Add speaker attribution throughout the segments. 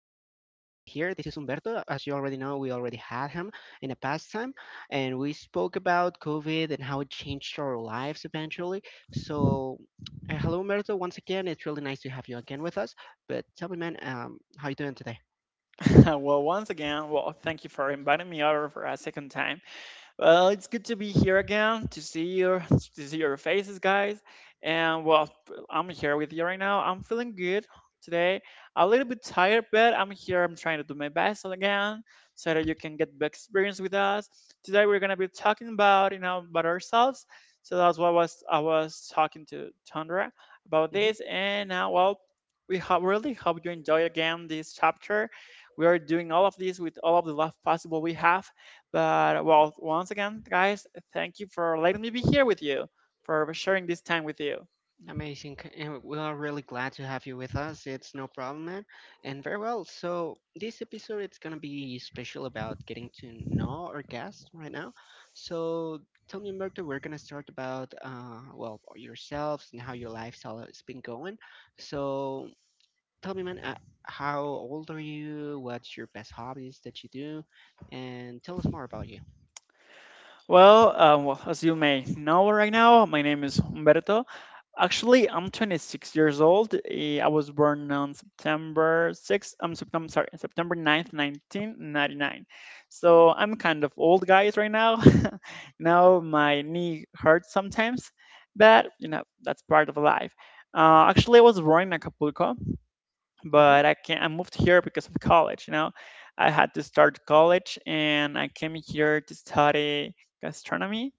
Speaker 1: here. This is Humberto. As you already know, we already had him in the past time, and we spoke about COVID and how it changed our lives eventually. So hello, Humberto. Once again, it's really nice to have you again with us. But tell me, man, how you doing today?
Speaker 2: Well, once again, well, thank you for inviting me over for a second time. Well, it's good to be here again to see your to see your faces, guys. And well, I'm here with you right now. I'm feeling good today. A little bit tired, but I'm here. I'm trying to do my best again so that you can get the experience with us. Today we're gonna be talking about about ourselves. So that's what was I was talking to Tundra about
Speaker 1: Mm-hmm.
Speaker 2: this. And now, well, really hope you enjoy again this chapter. We are doing all of this with all of the love possible we have, but well, once again, guys, thank you for letting me be here with you, for sharing this time with you.
Speaker 1: Amazing. And We are really glad to have you with us. It's no problem, man. And very well. So this episode it's gonna be special about getting to know our guest right now. So tell me, Merto, we're gonna start about well yourselves and how your lifestyle has been going. So tell me, man, how old are you? What's your best hobbies that you do? And tell us more about you.
Speaker 2: Well, as you may know right now, my name is Humberto. Actually, I'm 26 years old. I was born on September 6th, I'm September, sorry, September 9th, 1999. So I'm kind of old, guys, right now. Now my knee hurts sometimes, but you know, that's part of life. Actually, I was born in Acapulco,
Speaker 1: Mm-hmm.
Speaker 2: but I moved here because of college. You know, I had to start college, and I came here to study gastronomy.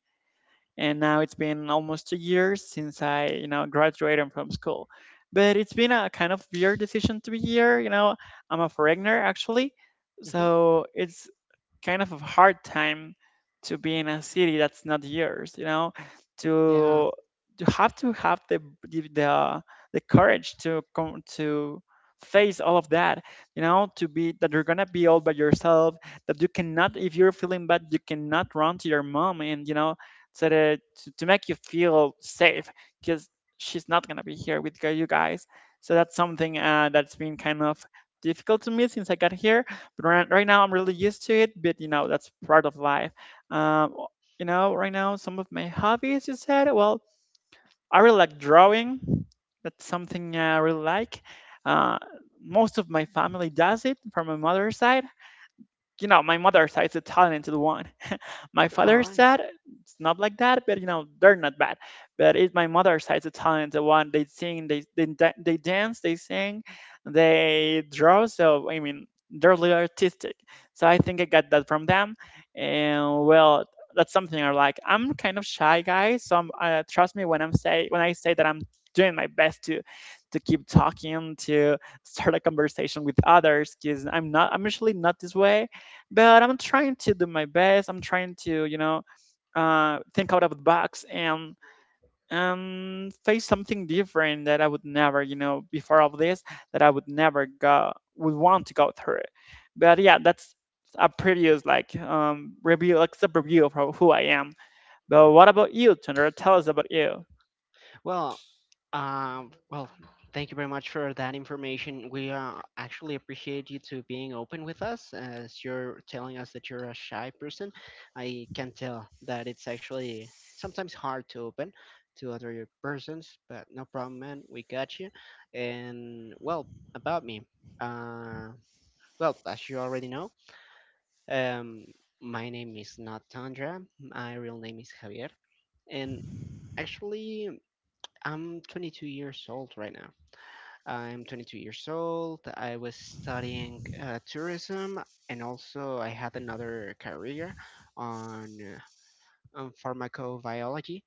Speaker 2: And now it's been almost 2 years since I, you know, graduated from school. But it's been a kind of weird decision to be here. You know, I'm a foreigner actually,
Speaker 1: Mm-hmm.
Speaker 2: so it's kind of a hard time to be in a city that's not yours, you know,
Speaker 1: Yeah.
Speaker 2: to you have to have the the, the courage to come to face all of that, you know, to be that you're gonna be all by yourself, that you cannot, if you're feeling bad you cannot run to your mom, and you know, so that to make you feel safe, because she's not gonna be here with you guys. So that's something that's been kind of difficult to me since I got here. Right now I'm really used to it, but you know, that's part of life. um you know, right now some of my hobbies you said, well, I really like drawing. That's something I really like. uh Most of my family does it, from my mother's side. You know, my mother's side is a talented one. My
Speaker 1: All
Speaker 2: father's
Speaker 1: right.
Speaker 2: side, it's not like that, but you know, they're not bad. But it's my mother's side, the talent, the one, they sing, they dance, they sing, they draw. So I mean, they're really artistic. So I think I got that from them. And well, that's something I like. I'm kind of shy guy, so I'm, trust me when I say that I'm doing my best to keep talking to start a conversation with others, because I'm usually not this way, but I'm trying to do my best. I'm trying to, you know, think out of the box and face something different that I would never, you know, before of this, that I would never go would want to go through. But yeah, that's a previous like review, like sub review of who I am. But what about you, Tundra? Tell us about you.
Speaker 1: Well, well, thank you very much for that information. We actually appreciate you to being open with us, as you're telling us that you're a shy person. I can tell that it's actually sometimes hard to open to other persons, but no problem, man. We got you. And well, about me. Uh, well, as you already know, um, my name is not Tandra. My real name is Javier, and actually. I'm 22 years old right now. I'm 22 years old. I was studying tourism, and also I had another career on, on pharmacobiology,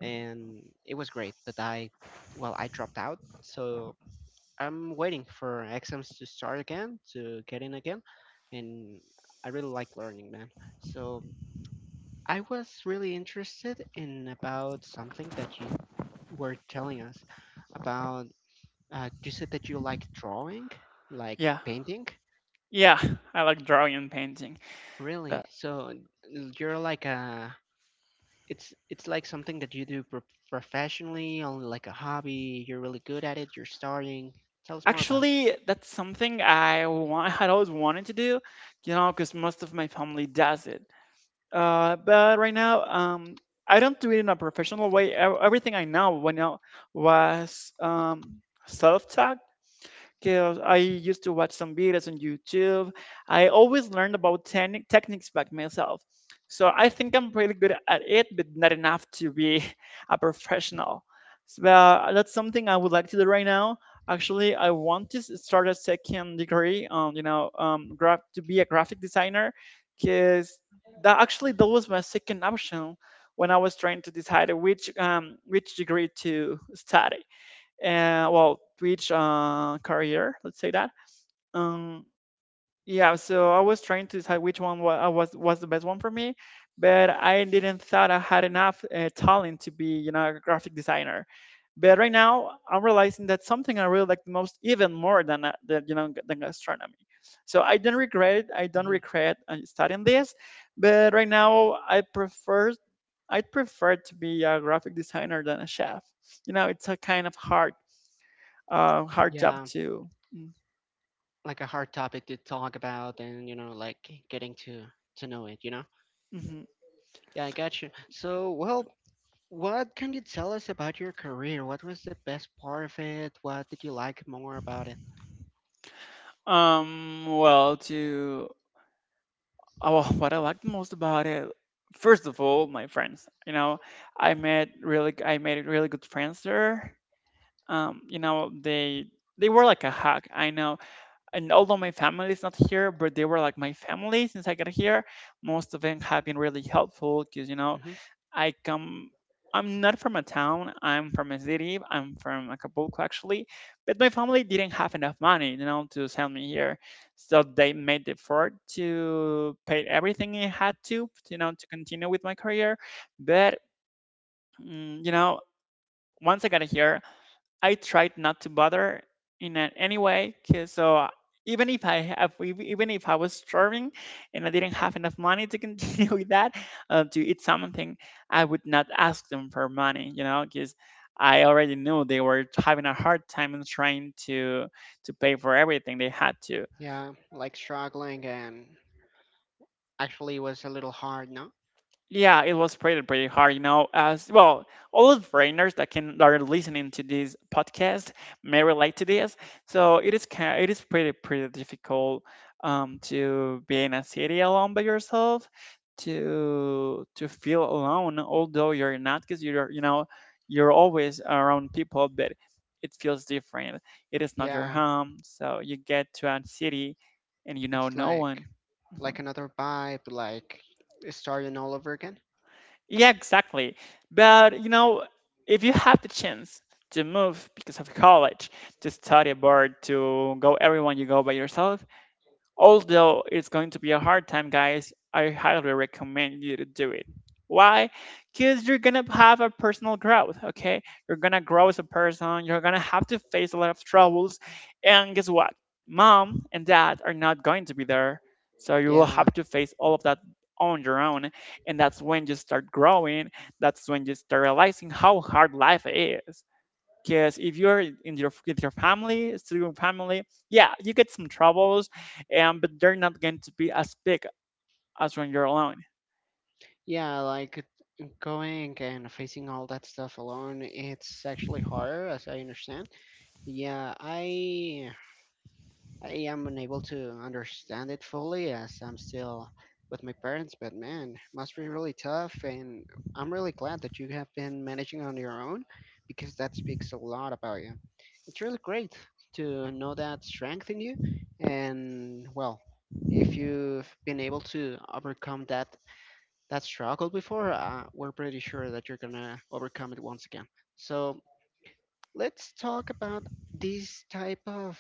Speaker 1: and it was great. But I dropped out, so I'm waiting for exams to start again to get in again, and I really like learning, man. So I was really interested in about something that you were telling us about you said that you like drawing, like
Speaker 2: Yeah,
Speaker 1: painting?
Speaker 2: yeah, I like drawing and painting. Uh,
Speaker 1: Really? So you're like a it's like something that you do professionally, only like a hobby. You're really good at it. You're starting. Tell us more about.
Speaker 2: actually, that's something I want, had always wanted to do, you know, because most of my family does it. But right now, I don't do it in a professional way. Everything I know, when I was self-taught, because I used to watch some videos on YouTube. I always learned about techniques back myself. So I think I'm pretty good at it, but not enough to be a professional. So that's something I would like to do right now. Actually, I want to start a second degree on, you know, graph to be a graphic designer, because that actually that was my second option when I was trying to decide which degree to study, and well twitch career, let's say. That um yeah so I was trying to decide which one was, was the best one for me, but I didn't thought I had enough talent to be, you know, a graphic designer. But right now I'm realizing that something I really like the most, even more than the, you know than astronomy. So I don't regret it. I don't
Speaker 1: Hmm.
Speaker 2: regret studying this. But right now I prefer, I would prefer to be a graphic designer than a chef. You know, it's a kind of hard hard job
Speaker 1: Yeah,
Speaker 2: too.
Speaker 1: like a hard topic to talk about, and you know, like getting to know it. You know?
Speaker 2: Mm-hmm.
Speaker 1: Yeah, I got you. So, well, what can you tell us about your career? What was the best part of it? What did you like more about it?
Speaker 2: Um, well, to oh, well, what I liked most about it, first of all, my friends. You know, I made really good friends there. You know, they were like a hug, I know, and although my family is not here, but they were like my family since I got here. Most of them have been really helpful, because, you know,
Speaker 1: Hmm.
Speaker 2: I come. I'm not from a town. I'm from a city. I'm from Acapulco, actually. But my family didn't have enough money, you know, to send me here. So they made the effort to pay everything I had to, you know, to continue with my career. But, you know, once I got here, I tried not to bother in any way, 'cause even if I have, even if I was starving and I didn't have enough money to continue with that to eat something, I would not ask them for money, you know, because I already knew they were having a hard time and trying to pay for everything they had to.
Speaker 1: Yeah, like struggling and actually was a little hard, no?
Speaker 2: Yeah, it was pretty hard, you know. As well, all of the foreigners that are listening to this podcast may relate to this. So it is kind it is pretty difficult to be in a city alone by yourself, to feel alone, although you're not, because you know you're always around people, but it feels different. It is not your
Speaker 1: Yeah,
Speaker 2: home, so you get to a city and you know
Speaker 1: it's
Speaker 2: no
Speaker 1: like
Speaker 2: one. Mm-hmm.
Speaker 1: another vibe, like starting all over again.
Speaker 2: Yeah, exactly. But you know, if you have the chance to move because of college, to study abroad, to go, everyone you go by yourself. Although it's going to be a hard time, guys, I highly recommend you to do it. Why? Because you're gonna have a personal growth, okay? You're gonna grow as a person, you're gonna have to face a lot of troubles, and guess what? Mom and dad are not going to be there, so you will
Speaker 1: Yeah,
Speaker 2: have to face all of that on your own, and that's when you start growing, that's when you start realizing how hard life is, because if you're in your with your family, single family, yeah, you get some troubles, and but they're not going to be as big as when you're alone.
Speaker 1: yeah, like going and facing all that stuff alone, it's actually harder, as I understand. Yeah, I am unable to understand it fully as I'm still with my parents, but man, must be really tough. And I'm really glad that you have been managing on your own because that speaks a lot about you. It's really great to know that strength in you. And well, if you've been able to overcome that struggle before, we're pretty sure that you're gonna overcome it once again. So let's talk about this type of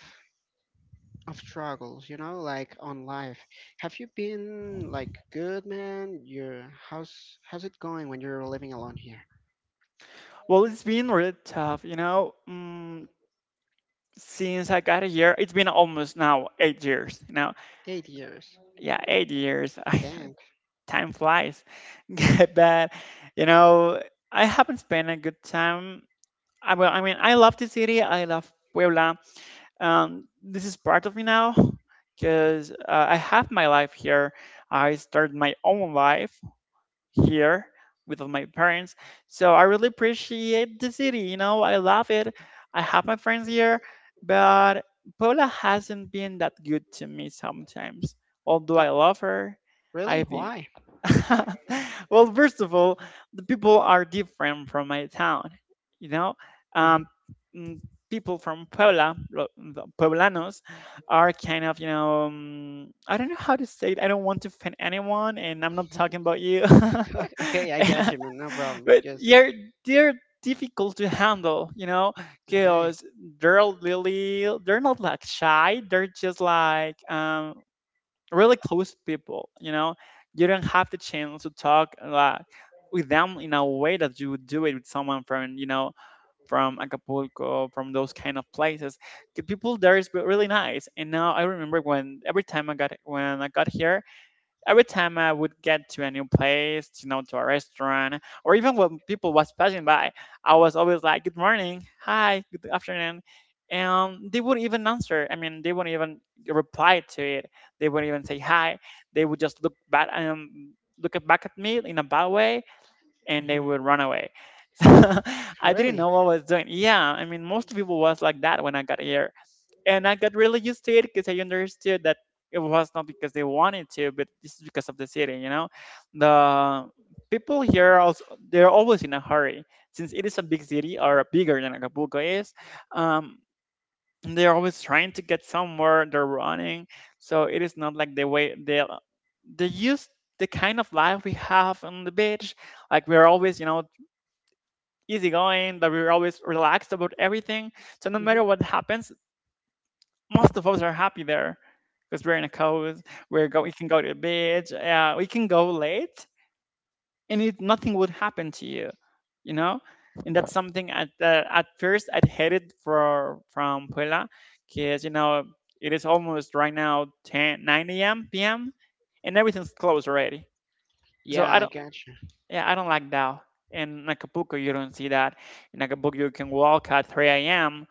Speaker 1: struggles, you know, like on life. Have you been like good, man? Your how's it going when you're living alone here?
Speaker 2: Well, it's been really tough, you know. Since I got here, it's been almost now 8 years. You know,
Speaker 1: 8 years.
Speaker 2: yeah, 8 years.
Speaker 1: Dang.
Speaker 2: Time flies, but you know, I haven't spent a good time. Well, I mean, I love the city. I love Puebla. This is part of me now, because I have my life here. I started my own life here with my parents. So I really appreciate the city. You know, I love it. I have my friends here, but Paula hasn't been that good to me sometimes. Although
Speaker 1: Oh,
Speaker 2: I love her,
Speaker 1: really?
Speaker 2: I've been
Speaker 1: Why?
Speaker 2: well, first of all, the people are different from my town. You know,
Speaker 1: Hmm.
Speaker 2: um, mm, people from Puebla, the Pueblanos, are kind of, you know, I don't know how to say it. I don't want to offend anyone, and I'm not talking about you.
Speaker 1: okay, I got you, man. No problem.
Speaker 2: But
Speaker 1: Just
Speaker 2: you're they're difficult to handle. You know,
Speaker 1: okay.
Speaker 2: because they're not like shy. They're just like really close people, you know. You don't have the chance to talk with them in a way that you would do it with someone from, you know, from Acapulco, from those kind of places. The people there is really nice. And now I remember when every time I got when I got here, every time I would get to a new place, you know, to a restaurant, or even when people was passing by, I was always like, "Good morning, hi, good afternoon," and they wouldn't even answer. I mean, they wouldn't even reply to it. They wouldn't even say hi. They would just look back back at me in a bad way, and they
Speaker 1: Hmm.
Speaker 2: would run away. So I didn't know
Speaker 1: Really?
Speaker 2: what I was doing. Yeah, I mean, most people was like that when I got here and I got really used to it because I understood that it was not because they wanted to, but this is because of the city. You know, the people here also, they're always in a hurry since it is a big city or bigger than Acapulco is. Um, they're always trying to get somewhere. They're running, so it is not like the way they use the kind of life we have on the beach. Like we're always, you know, easygoing, that we're always relaxed about everything. So no matter
Speaker 1: Hmm.
Speaker 2: what happens, most of us are happy there because we're in a coast. We're go. We can go to the beach. We can go late, and it, nothing would happen to you. You know, and that's something at first I hated for from Puebla, because you know it is almost right now ten nine 9 a.m. p.m. and everything's closed already. So
Speaker 1: Yeah,
Speaker 2: I
Speaker 1: I
Speaker 2: don't.
Speaker 1: got you.
Speaker 2: Yeah, I don't like that. In Acapulco, you don't see that. In Acapulco, you can walk at 3 a.m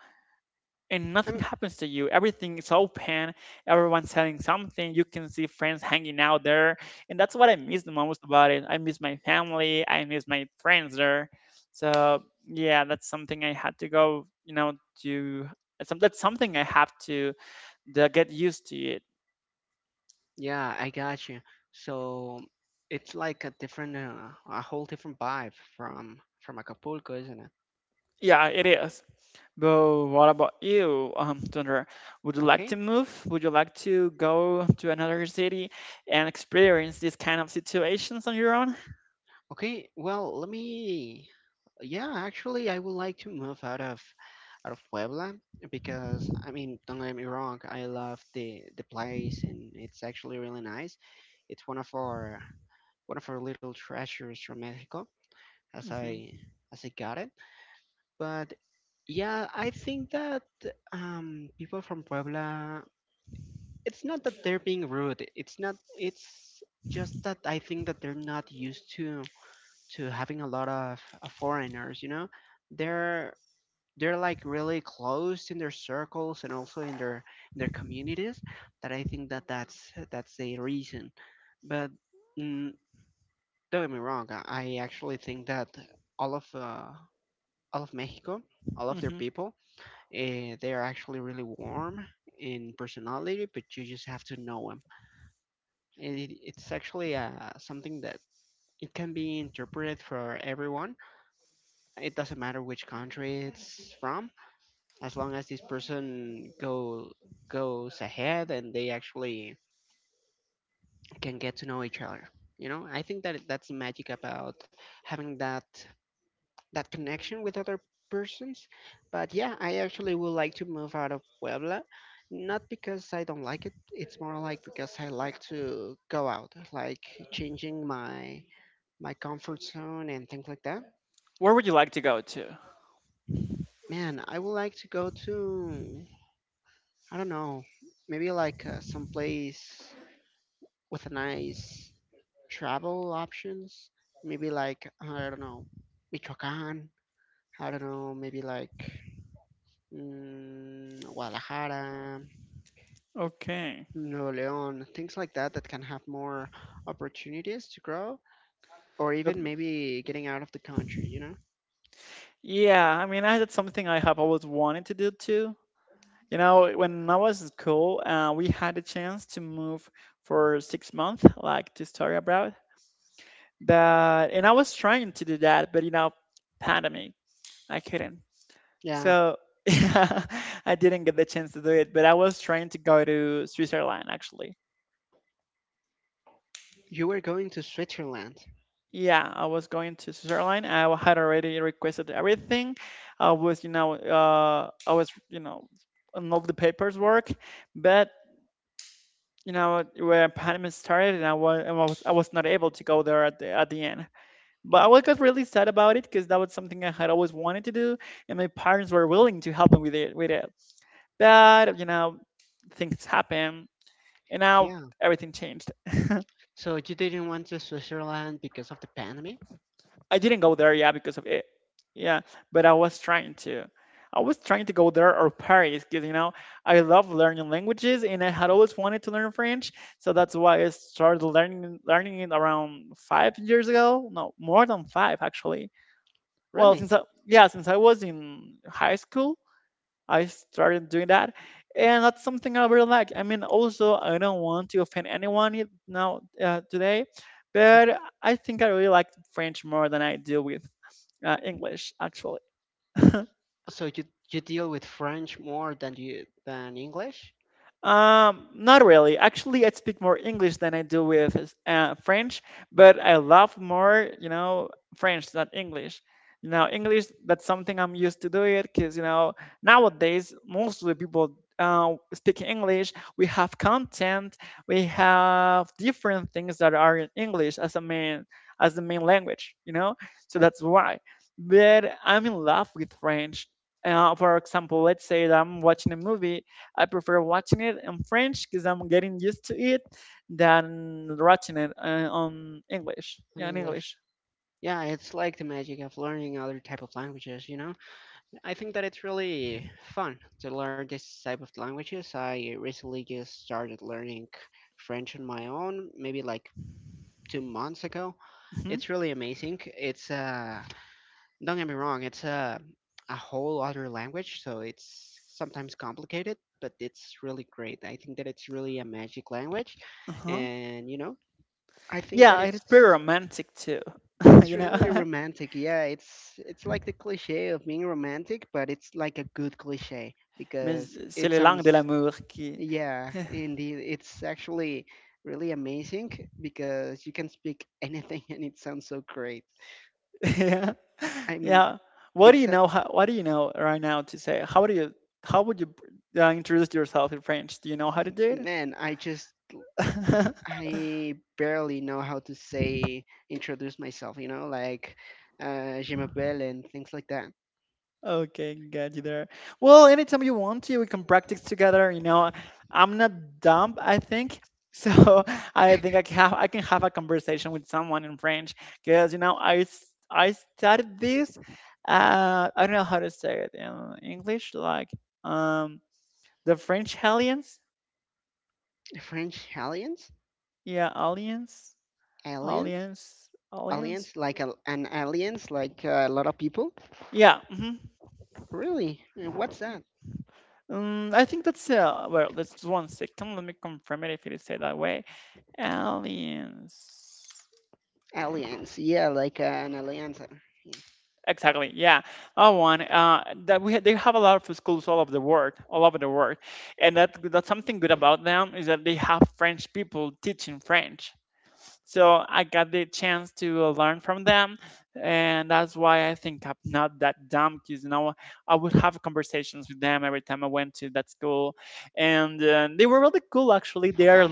Speaker 2: and nothing
Speaker 1: I'm.
Speaker 2: happens to you. Everything is open. Everyone's selling something. You can see friends hanging out there, and that's what I miss the most about it. I miss my family. I miss my friends there. So yeah, that's something I had to go. You know, to that's some- that's something I have to get used to it.
Speaker 1: Yeah, I got you. So it's like a different, a whole different vibe from Acapulco, isn't it?
Speaker 2: Yeah, it is. But what about you, Thunder? Would you like to
Speaker 1: Okay.
Speaker 2: move? Would you like to go to another city and experience these kind of situations on your own?
Speaker 1: Okay, well, let me. Yeah, actually, I would like to move out of Puebla because I mean, don't get me wrong, I love the place and it's actually really nice. It's one of our little treasures from Mexico, as
Speaker 2: Hmm
Speaker 1: I got it. But yeah, I think that people from Puebla, it's not that they're being rude. It's not. It's just that I think that they're not used to having a lot of foreigners, you know, they're they're like really closed in their circles and also in their communities that I think that that's a reason. But mm, don't get me wrong, I actually think that all of uh, all of Mexico, all of their people, they are actually really warm in personality, but you just have to know them. It's actually something that it can be interpreted for everyone. It doesn't matter which country it's from, as long as this person go goes ahead and they actually can get to know each other. You know, I think that that's the magic about having that connection with other persons. But yeah, I actually would like to move out of Puebla, not because I don't like it. It's more like because I like to go out, like changing my comfort zone and things like that.
Speaker 2: Where would you like to go to?
Speaker 1: Man, I would like to go to I don't know. Maybe like someplace with a nice travel options. Maybe like I don't know, Michoacán. I don't know. Maybe like mm, Guadalajara,
Speaker 2: Okay.
Speaker 1: Nuevo León, things like that that can have more opportunities to grow, or
Speaker 2: But-
Speaker 1: even maybe getting out of the country. You know?
Speaker 2: Yeah, I mean, I that's something I have always wanted to do too. You know, when I was in school, we had a chance to move for 6 months, like to study abroad. But and I was trying to do that, but you know, pandemic, I couldn't.
Speaker 1: Yeah.
Speaker 2: So yeah, I didn't get the chance to do it. But I was trying to go to Switzerland actually.
Speaker 1: You were going to Switzerland.
Speaker 2: Yeah, I was going to Switzerland. I had already requested everything. I was, you know, I was, you know, on all the papers work, but you know, when pandemic started, and I was, I was not able to go there at the end. But I was got really sad about it because that was something I had always wanted to do, and my parents were willing to help me with it, with it. But you know, things happen, and now
Speaker 1: Yeah.
Speaker 2: everything changed.
Speaker 1: So you didn't want to Switzerland because of the pandemic?
Speaker 2: I didn't go there, yeah, because of it. Yeah, but I was trying to. I was trying to go there or Paris because, you know, I love learning languages and I had always wanted to learn French. So that's why I started learning it around five years ago. No, more than five, actually. Well,
Speaker 1: Really?
Speaker 2: since I, yeah, since I was in high school, I started doing that. And that's something I really like. I mean, also, I don't want to offend anyone it- now today, but I think I really like French more than I deal with English, actually.
Speaker 1: So you deal with French more than you than English?
Speaker 2: Not really. Actually, I speak more English than I do with French, but I love more, you know, French than English. You know, English, that's something I'm used to do it because, you know, nowadays, most of the people speaking English, we have content, we have different things that are in English as a main, as the main language, you know? So that's why. But I'm in love with French. For example, let's say that I'm watching a movie I prefer watching it in French because I'm getting used to it than watching it on English.
Speaker 1: Than
Speaker 2: Yeah, in
Speaker 1: English.
Speaker 2: English.
Speaker 1: Yeah, it's like the magic of learning other type of languages, you know? I think that it's really fun to learn this type of languages. I recently just started learning French on my own, maybe like 2 months ago.
Speaker 2: Hmm
Speaker 1: It's really amazing. It's don't get me wrong, it's a whole other language, so it's sometimes complicated, but it's really great. I think that it's really a magic language,
Speaker 2: Uh-huh.
Speaker 1: and you know I think that
Speaker 2: Yeah, it is pretty romantic too,
Speaker 1: it's
Speaker 2: you
Speaker 1: really
Speaker 2: know.
Speaker 1: romantic. Yeah, it's like the cliche of being romantic, but it's like a good cliche
Speaker 2: Mais
Speaker 1: because
Speaker 2: c'est
Speaker 1: it
Speaker 2: les langues de
Speaker 1: sounds
Speaker 2: l'amour qui.
Speaker 1: yeah, indeed, it's actually really amazing because you can speak anything and it sounds so great.
Speaker 2: yeah,
Speaker 1: I mean,
Speaker 2: yeah. What do
Speaker 1: it's
Speaker 2: you
Speaker 1: a
Speaker 2: know? How, what do you know right now to say? How do you? How would you introduce yourself in French? Do you know how to do it?
Speaker 1: man, I barely know how to say introduce myself, you know, like je m'appelle and things like that.
Speaker 2: Okay, got you there. Well, anytime you want to, we can practice together. You know, I'm not dumb, I think. So I think I can have a conversation with someone in French because you know I studied this. I don't know how to say it in English. Like um, the French aliens.
Speaker 1: French aliens?
Speaker 2: Yeah,
Speaker 1: Aliens?
Speaker 2: aliens.
Speaker 1: Aliens, like an aliens, like a lot of people.
Speaker 2: Yeah. hmm
Speaker 1: Really? Yeah, what's that?
Speaker 2: I think that's well. That's one second. Let me confirm it if it is said that way. Aliens.
Speaker 1: Aliens. Yeah, like an alliance yeah,
Speaker 2: Exactly. Yeah, that one. That they have a lot of schools all over the world, all over the world, and that's something good about them is that they have French people teaching French. So I got the chance to learn from them, and that's why I think I'm not that dumb. Because you know, I would have conversations with them every time I went to that school, and they were really cool. Actually, they are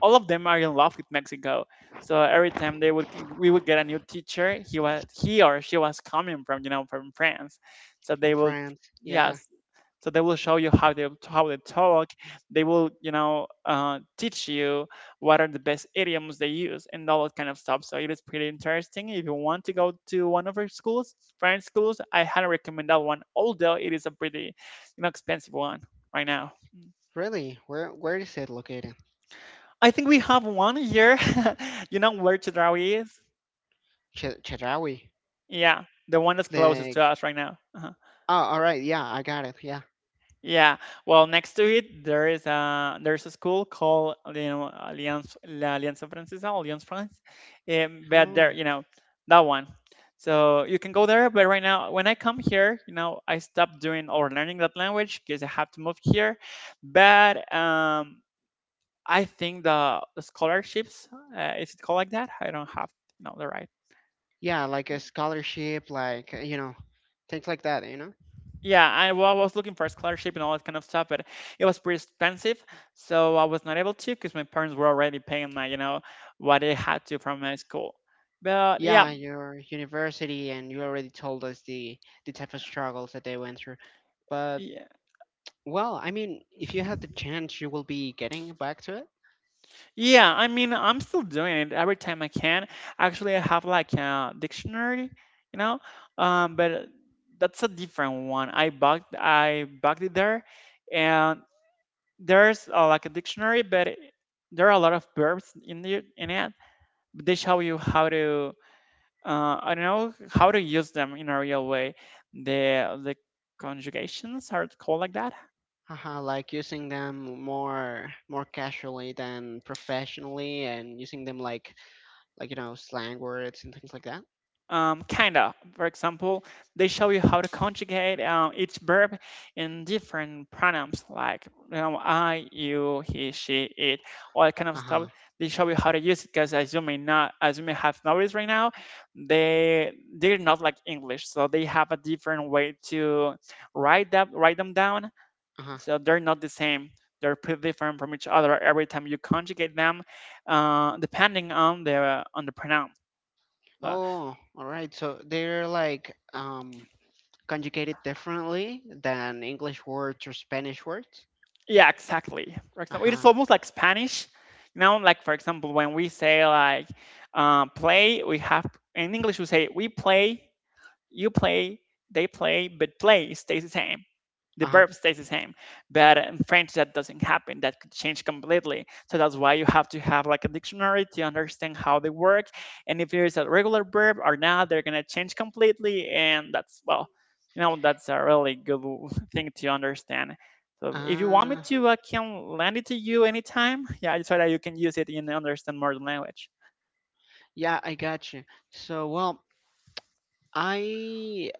Speaker 2: all of them are in love with Mexico. So every time they would we would get a new teacher, he was he or she was coming from you know from France. So
Speaker 1: from
Speaker 2: they will,
Speaker 1: France. Yeah.
Speaker 2: yes, so they will show you how they talk, they will you know teach you what are the best idioms they use and all that kind of stuff. So it is pretty interesting. If you want to go to one of our schools french schools I highly recommend that one, although it is a pretty you know expensive one right now.
Speaker 1: Really? Where is it located?
Speaker 2: I think we have one here, you know where chedraui is.
Speaker 1: Ch- Chedraui.
Speaker 2: Yeah, the one that's closest
Speaker 1: Like
Speaker 2: to us right now. Uh-huh.
Speaker 1: oh, all right. Yeah, I got it. Yeah.
Speaker 2: Yeah, well, next to it there is a there's a school called you know Alliance La Alianza Francesa, Alliance France, but there
Speaker 1: Oh,
Speaker 2: you know that one. So you can go there, but right now when I come here, you know I stopped doing or learning that language because I have to move here. But I think the scholarships is it called like that? I don't have you know the right
Speaker 1: yeah. Like a scholarship, like you know, things like that. You know.
Speaker 2: Yeah, well, I was looking for a scholarship and all that kind of stuff, but it was pretty expensive, so I was not able to because my parents were already paying my, you know, what they had to from my school. But yeah,
Speaker 1: Yeah, your university, and you already told us the type of struggles that they went through. But
Speaker 2: yeah,
Speaker 1: well, I mean, if you had the chance, you will be getting back to it.
Speaker 2: yeah. I mean, I'm still doing it every time I can. Actually, I have like a dictionary, you know, but that's a different one. I bugged it there, and there's like a dictionary, but there are a lot of verbs in the in it. But they show you how to I don't know how to use them in a real way. The conjugations are called like that.
Speaker 1: Haha, like using them more casually than professionally and using them like you know slang words and things like that.
Speaker 2: Kinda. For example, they show you how to conjugate each verb in different pronouns, like you know I, you, he, she, it, all that kind of stuff.
Speaker 1: Uh-huh.
Speaker 2: They show you how to use it because as you may not, as you may have noticed right now, they're not like English, so they have a different way to write that write them down.
Speaker 1: Uh-huh.
Speaker 2: So they're not the same. They're pretty different from each other every time you conjugate them, depending on the pronoun. Uh,
Speaker 1: Oh, all right. So they're like conjugated differently than English words or Spanish words.
Speaker 2: yeah, exactly. For example, it is
Speaker 1: Uh-huh.
Speaker 2: almost like Spanish. You know, like for example, when we say like play, we have in English we say we play, you play, they play, but play stays the same. The
Speaker 1: Uh-huh.
Speaker 2: verb stays the same. But in French, that doesn't happen. That could change completely. So that's why you have to have like a dictionary to understand how they work. And if there is a regular verb or not, they're gonna change completely. And that's well, you know, that's a really good thing to understand. So if you want
Speaker 1: Uh,
Speaker 2: me to, I can lend it to you anytime. Yeah, so that you can use it in understand modern language.
Speaker 1: yeah, I got you. So, well, I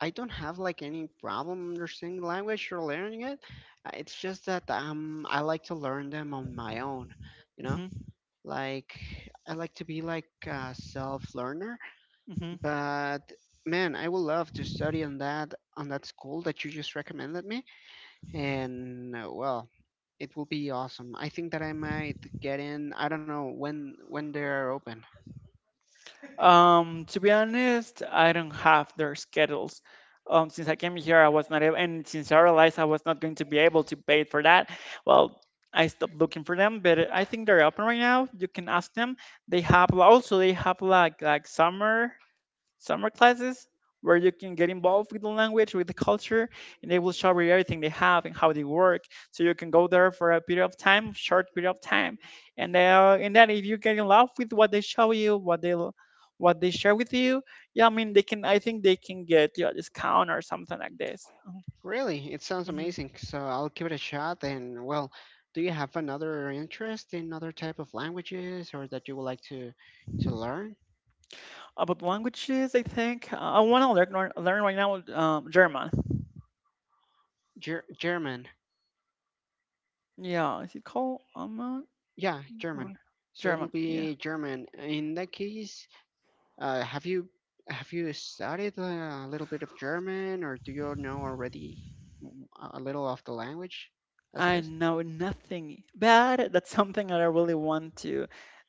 Speaker 1: I don't have like any problem understanding language or learning it. It's just that I like to learn them on my own, you know?
Speaker 2: Hmm
Speaker 1: Like I like to be like a self-learner,
Speaker 2: hmm
Speaker 1: but man, I would love to study on that school that you just recommended me, and well, it will be awesome. I think that I might get in. I don't know when they're open.
Speaker 2: To be honest, I don't have their schedules. Since I came here, I was not able, and since I realized I was not going to be able to pay for that, well, I stopped looking for them. But I think they're open right now. You can ask them. They have also they have like summer classes where you can get involved with the language, with the culture, and they will show you everything they have and how they work. So you can go there for a period of time, short period of time, and then if you get in love with what they show you, what they share with you, yeah, I mean they can. I think they can get you a discount or something like this.
Speaker 1: Really, it sounds
Speaker 2: Mm-hmm.
Speaker 1: amazing. So I'll give it a shot. And well, do you have another interest in other type of languages or that you would like to learn?
Speaker 2: About languages, I think I want to learn right now German.
Speaker 1: Ger- German.
Speaker 2: Yeah, is it called
Speaker 1: Yeah, German.
Speaker 2: German?
Speaker 1: So it will
Speaker 2: German. Yeah.
Speaker 1: be German. In that case, have you studied a little bit of German, or do you know already mm, a little of the language as it
Speaker 2: I
Speaker 1: is?
Speaker 2: know nothing, but that's something that I really want to you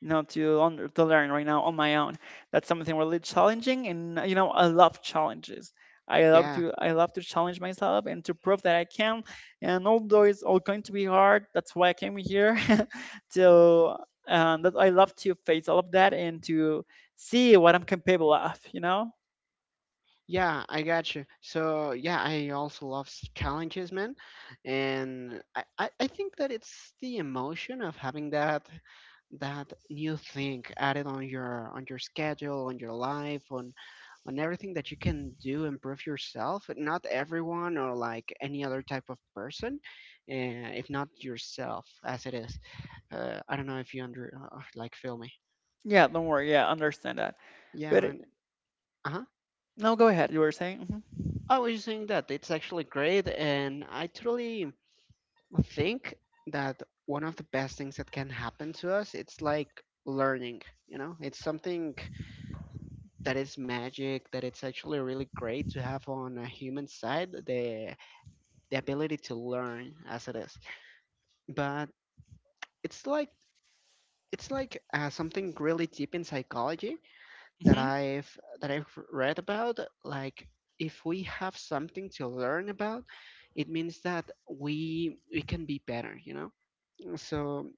Speaker 2: know to under, to learn right now on my own. That's something really challenging, and you know I love challenges. I love
Speaker 1: Yeah,
Speaker 2: to I love to challenge myself and to prove that I can. And although it's all going to be hard, that's why I came here. to That I love to face all of that and to see what I'm capable of. You know?
Speaker 1: yeah, I got you. So yeah, I also love s- challenges, man, and I think that it's the emotion of having that new thing added on your schedule, on your life, on everything that you can do, improve yourself. Not everyone or like any other type of person, uh, if not yourself, as it is. I don't know if you under like feel me.
Speaker 2: Yeah, don't worry. Yeah, understand that.
Speaker 1: Yeah,
Speaker 2: But
Speaker 1: man. Uh huh.
Speaker 2: no, go ahead. You were saying.
Speaker 1: I was just saying that it's actually great, and I totally. I think that one of the best things that can happen to us, it's like learning, you know? It's something that is magic, that it's actually really great to have on a human side, the ability to learn as it is. But it's like something really deep in psychology that
Speaker 2: Mhm.
Speaker 1: I've that I've read about. Like if we have something to learn about, it means that we can be better, you know? So,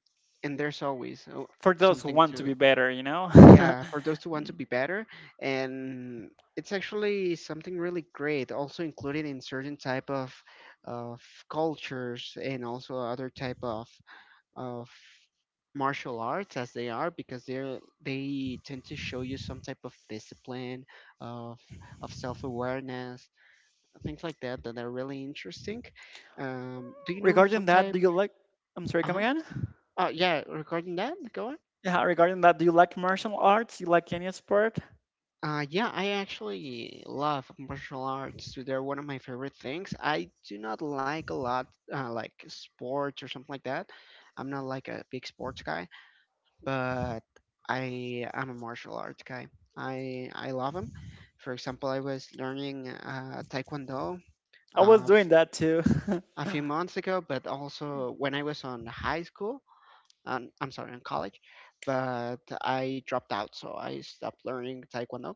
Speaker 1: and there's always
Speaker 2: for those who
Speaker 1: something
Speaker 2: want to
Speaker 1: to,
Speaker 2: be better, you know.
Speaker 1: yeah, for those who want to be better. And it's actually something really great, also included in certain type of of cultures and also other type of of martial arts as they are because they tend to show you some type of discipline of self-awareness, things like that that are really interesting. Do you know
Speaker 2: Regarding
Speaker 1: some
Speaker 2: that,
Speaker 1: type?
Speaker 2: do you like? I'm sorry, come
Speaker 1: Uh-huh.
Speaker 2: again?
Speaker 1: Oh yeah, regarding that, go on.
Speaker 2: Yeah, regarding that, do you like martial arts? You like any sport?
Speaker 1: Yeah, I actually love martial arts. They're one of my favorite things. I do not like a lot, like sports or something like that. I'm not like a big sports guy, but I am a martial arts guy. I love them. For example, I was learning Taekwondo
Speaker 2: I was
Speaker 1: uh,
Speaker 2: doing
Speaker 1: f-
Speaker 2: that too.
Speaker 1: a few months ago, but also when I was on high school, I'm sorry, on college, but I dropped out, so I stopped learning Taekwondo.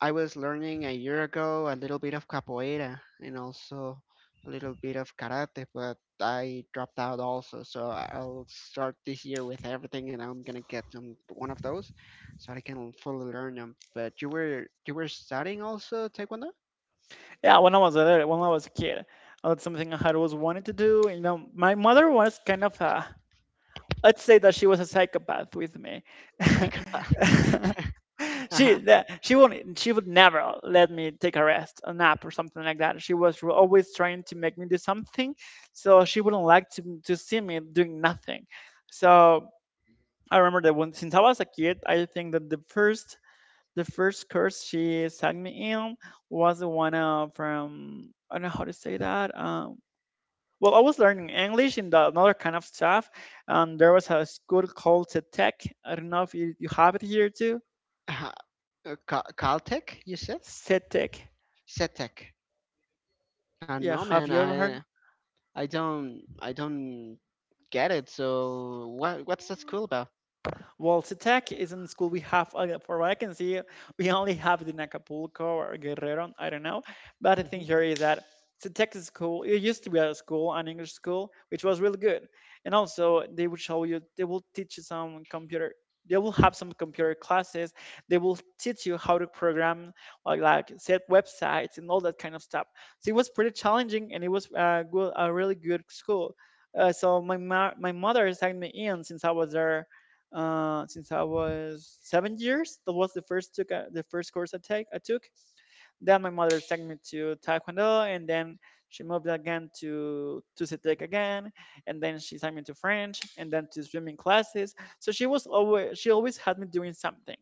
Speaker 1: I was learning a year ago a little bit of capoeira and also a little bit of karate, but I dropped out also. So I'll start this year with everything, and I'm gonna get one of those, so I can fully learn them. But you were studying also taekwondo.
Speaker 2: Yeah, when I was a little, when I was a kid, that's something I had always wanted to do. You know, my mother was kind of a let's say that she was a psychopath with me.
Speaker 1: A psychopath.
Speaker 2: she
Speaker 1: Uh-huh.
Speaker 2: that she won't she would never let me take a rest, a nap or something like that. She was always trying to make me do something, so she wouldn't like to see me doing nothing. So I remember that when since I was a kid, I think that the first curse she sang me in was the one from I don't know how to say that. Well, I was learning English in the another kind of stuff, and there was a school called CETEC. I don't know if you have it here too.
Speaker 1: Uh-huh. Cal- Caltech, you said?
Speaker 2: CETEC.
Speaker 1: Setec.
Speaker 2: Yeah,
Speaker 1: No,
Speaker 2: have
Speaker 1: man,
Speaker 2: you ever heard?
Speaker 1: I don't get it. So what's that school about?
Speaker 2: Voltec is in school. We have, for what I can see, we only have it in Acapulco or Guerrero. I don't know. But the thing
Speaker 1: Mm-hmm.
Speaker 2: here is that Voltec is school. It used to be a school, an English school, which was really good. And also, they will show you, they will teach you some computer. They will have some computer classes. They will teach you how to program, like set websites and all that kind of stuff. So it was pretty challenging, and it was a really good school. So my mother signed me in since I was there since I was 7 years. That was the first course I took. Then my mother took me to Taekwondo, and then she moved again to Cetek again, and then she sent me to French, and then to swimming classes. So she always had me doing something,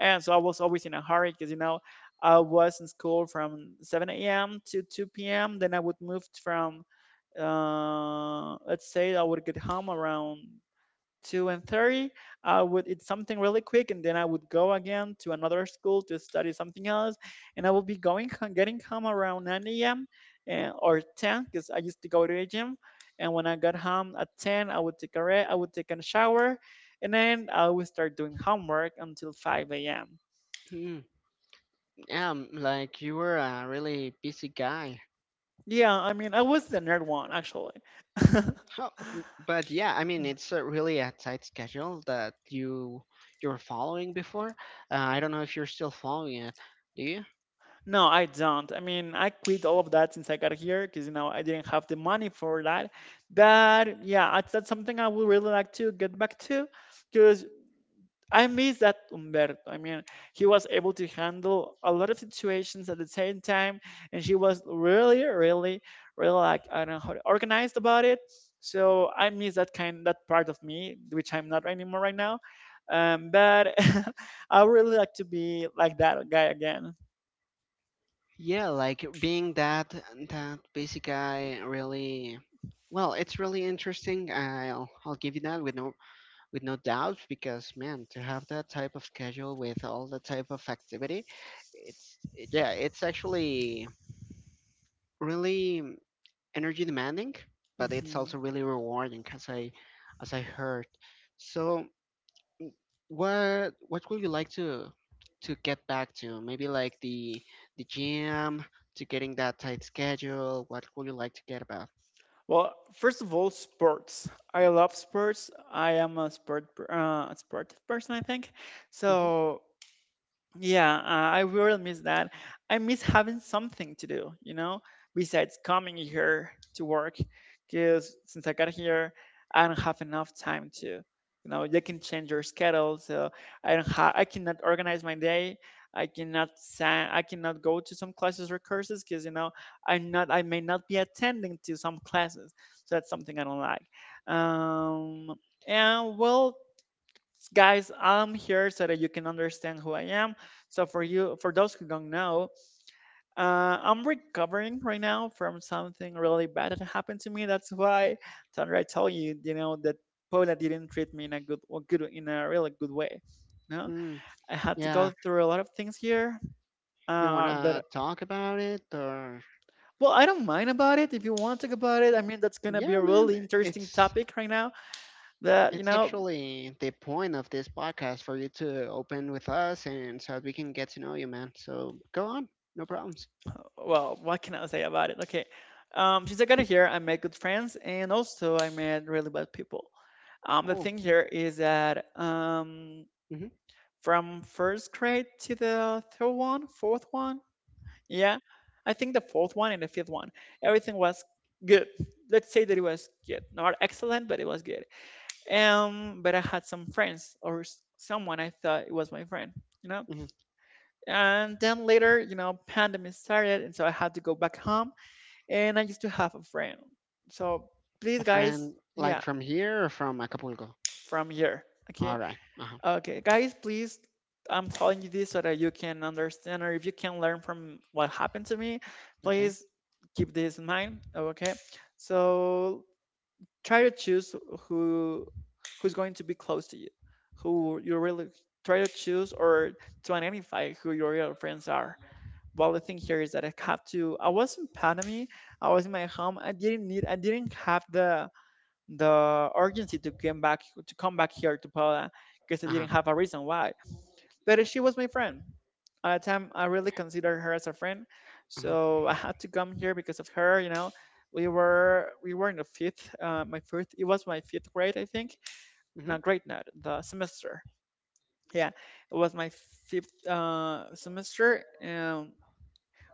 Speaker 2: and so I was always in a hurry because you know I was in school from 7 a.m. to 2 p.m. Then I would move from let's say I would get home around 2:30. I would eat something really quick, and then I would go again to another school to study something else. And I would be going getting home around nine a.m. And, or ten, because I used to go to the gym. And when I got home at ten, I would take a shower, and then I would start doing homework until five a.m.
Speaker 1: Hmm. Like, you were a really busy guy.
Speaker 2: Yeah, I mean, I was the nerd one actually.
Speaker 1: How, but yeah, I mean, it's a really a tight schedule that you you're following before. I don't know if you're still following it. Do you?
Speaker 2: No, I don't. I mean, I quit all of that since I got here because you know I didn't have the money for that. But yeah, that's something I would really like to get back to because I miss that Umberto. I mean, he was able to handle a lot of situations at the same time, and she was really, really, really like I don't know organized about it. So I miss that part of me, which I'm not anymore right now. But I would really like to be like that guy again.
Speaker 1: Yeah, like being that busy guy really. Well, it's really interesting. I'll give you that with no doubt, because man, to have that type of schedule with all the type of activity, it's, yeah, it's actually really energy demanding, but it's
Speaker 2: Hmm.
Speaker 1: also really rewarding, as I heard. So, w- what would you like to get back to? Maybe like the gym, to getting that tight schedule. What would you like to get about?
Speaker 2: Well, first of all, sports. I love sports. I am a a sportive person, I think.
Speaker 1: Mhm.
Speaker 2: So yeah, I really miss that. I miss having something to do, besides coming here to work. Because since I got here, I don't have enough time to, they can change your schedule. So I don't have, I cannot organize my day. I cannot go to some classes or courses because, I may not be attending to some classes. So that's something I don't like. Um, and well, guys, I'm here so that you can understand who I am. So for those who don't know, I'm recovering right now from something really bad that happened to me. That's why, Sandra, I told you, you know that Paula didn't treat me in a really good way. No,
Speaker 1: Hmm.
Speaker 2: I had to
Speaker 1: Yeah,
Speaker 2: go through a lot of things here.
Speaker 1: you wanna
Speaker 2: That
Speaker 1: talk about it, or?
Speaker 2: Well, I don't mind about it. If you want to talk about it, I mean, that's gonna be a
Speaker 1: Yeah, man,
Speaker 2: really interesting topic right now that you
Speaker 1: it's
Speaker 2: know
Speaker 1: actually the point of this podcast for you to open with us and so that we can get to know you, man. So go on, no problems.
Speaker 2: Well, what can I say about it? Okay. Since I got here, I made good friends and also I met really bad people. The
Speaker 1: Cool.
Speaker 2: thing here is that from first grade to the third one, fourth one, yeah, I think the fourth one and the fifth one, everything was good. Let's say that it was good, not excellent, but it was good. But I had some friends or someone I thought it was my friend, you know.
Speaker 1: Hmm.
Speaker 2: And then later, pandemic started, and so I had to go back home and I used to have a friend. So please,
Speaker 1: A
Speaker 2: guys,
Speaker 1: friend, like
Speaker 2: yeah,
Speaker 1: from here or from Acapulco?
Speaker 2: from here.
Speaker 1: All
Speaker 2: Okay,
Speaker 1: right. Uh huh.
Speaker 2: okay, guys, please. I'm telling you this so that you can understand or if you can learn from what happened to me,
Speaker 1: Okay.
Speaker 2: please keep this in mind. Okay, so try to choose who who's going to be close to you, who you really try to choose or to identify who your real friends are. Well, the thing here is that I have to I was in Panama. I was in my home. I didn't have the urgency to come back here to Poland because I
Speaker 1: Uh huh.
Speaker 2: didn't have a reason why. But she was my friend. At the time I really considered her as a friend.
Speaker 1: Uh huh.
Speaker 2: So I had to come here because of her. We were in the fifth, my fifth, it was my fifth grade, I think. Not
Speaker 1: Mm-hmm.
Speaker 2: grade, not the semester. Yeah, it was my fifth semester.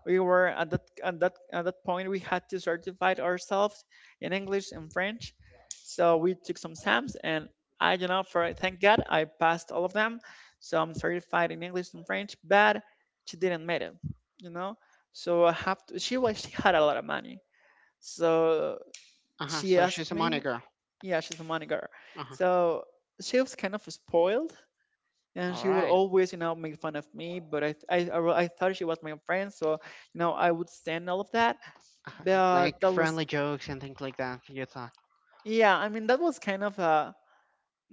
Speaker 2: We were at that point. We had to certify ourselves in English and French. So we took some exams and I you know for thank God I passed all of them. So I'm certified in English and French, but she didn't make it, you know. So I have to she was she had a lot of money. So
Speaker 1: Uh huh.
Speaker 2: she
Speaker 1: So
Speaker 2: asked
Speaker 1: she's a
Speaker 2: me,
Speaker 1: money girl.
Speaker 2: yeah, she's a money girl.
Speaker 1: Uh huh.
Speaker 2: So she was kind of spoiled and
Speaker 1: All
Speaker 2: she would
Speaker 1: right.
Speaker 2: always make fun of me, but I thought she was my friend. So I would stand all of that.
Speaker 1: Uh-huh.
Speaker 2: But
Speaker 1: Like
Speaker 2: that was,
Speaker 1: friendly jokes and things like that, you thought.
Speaker 2: yeah, I mean, that was kind of a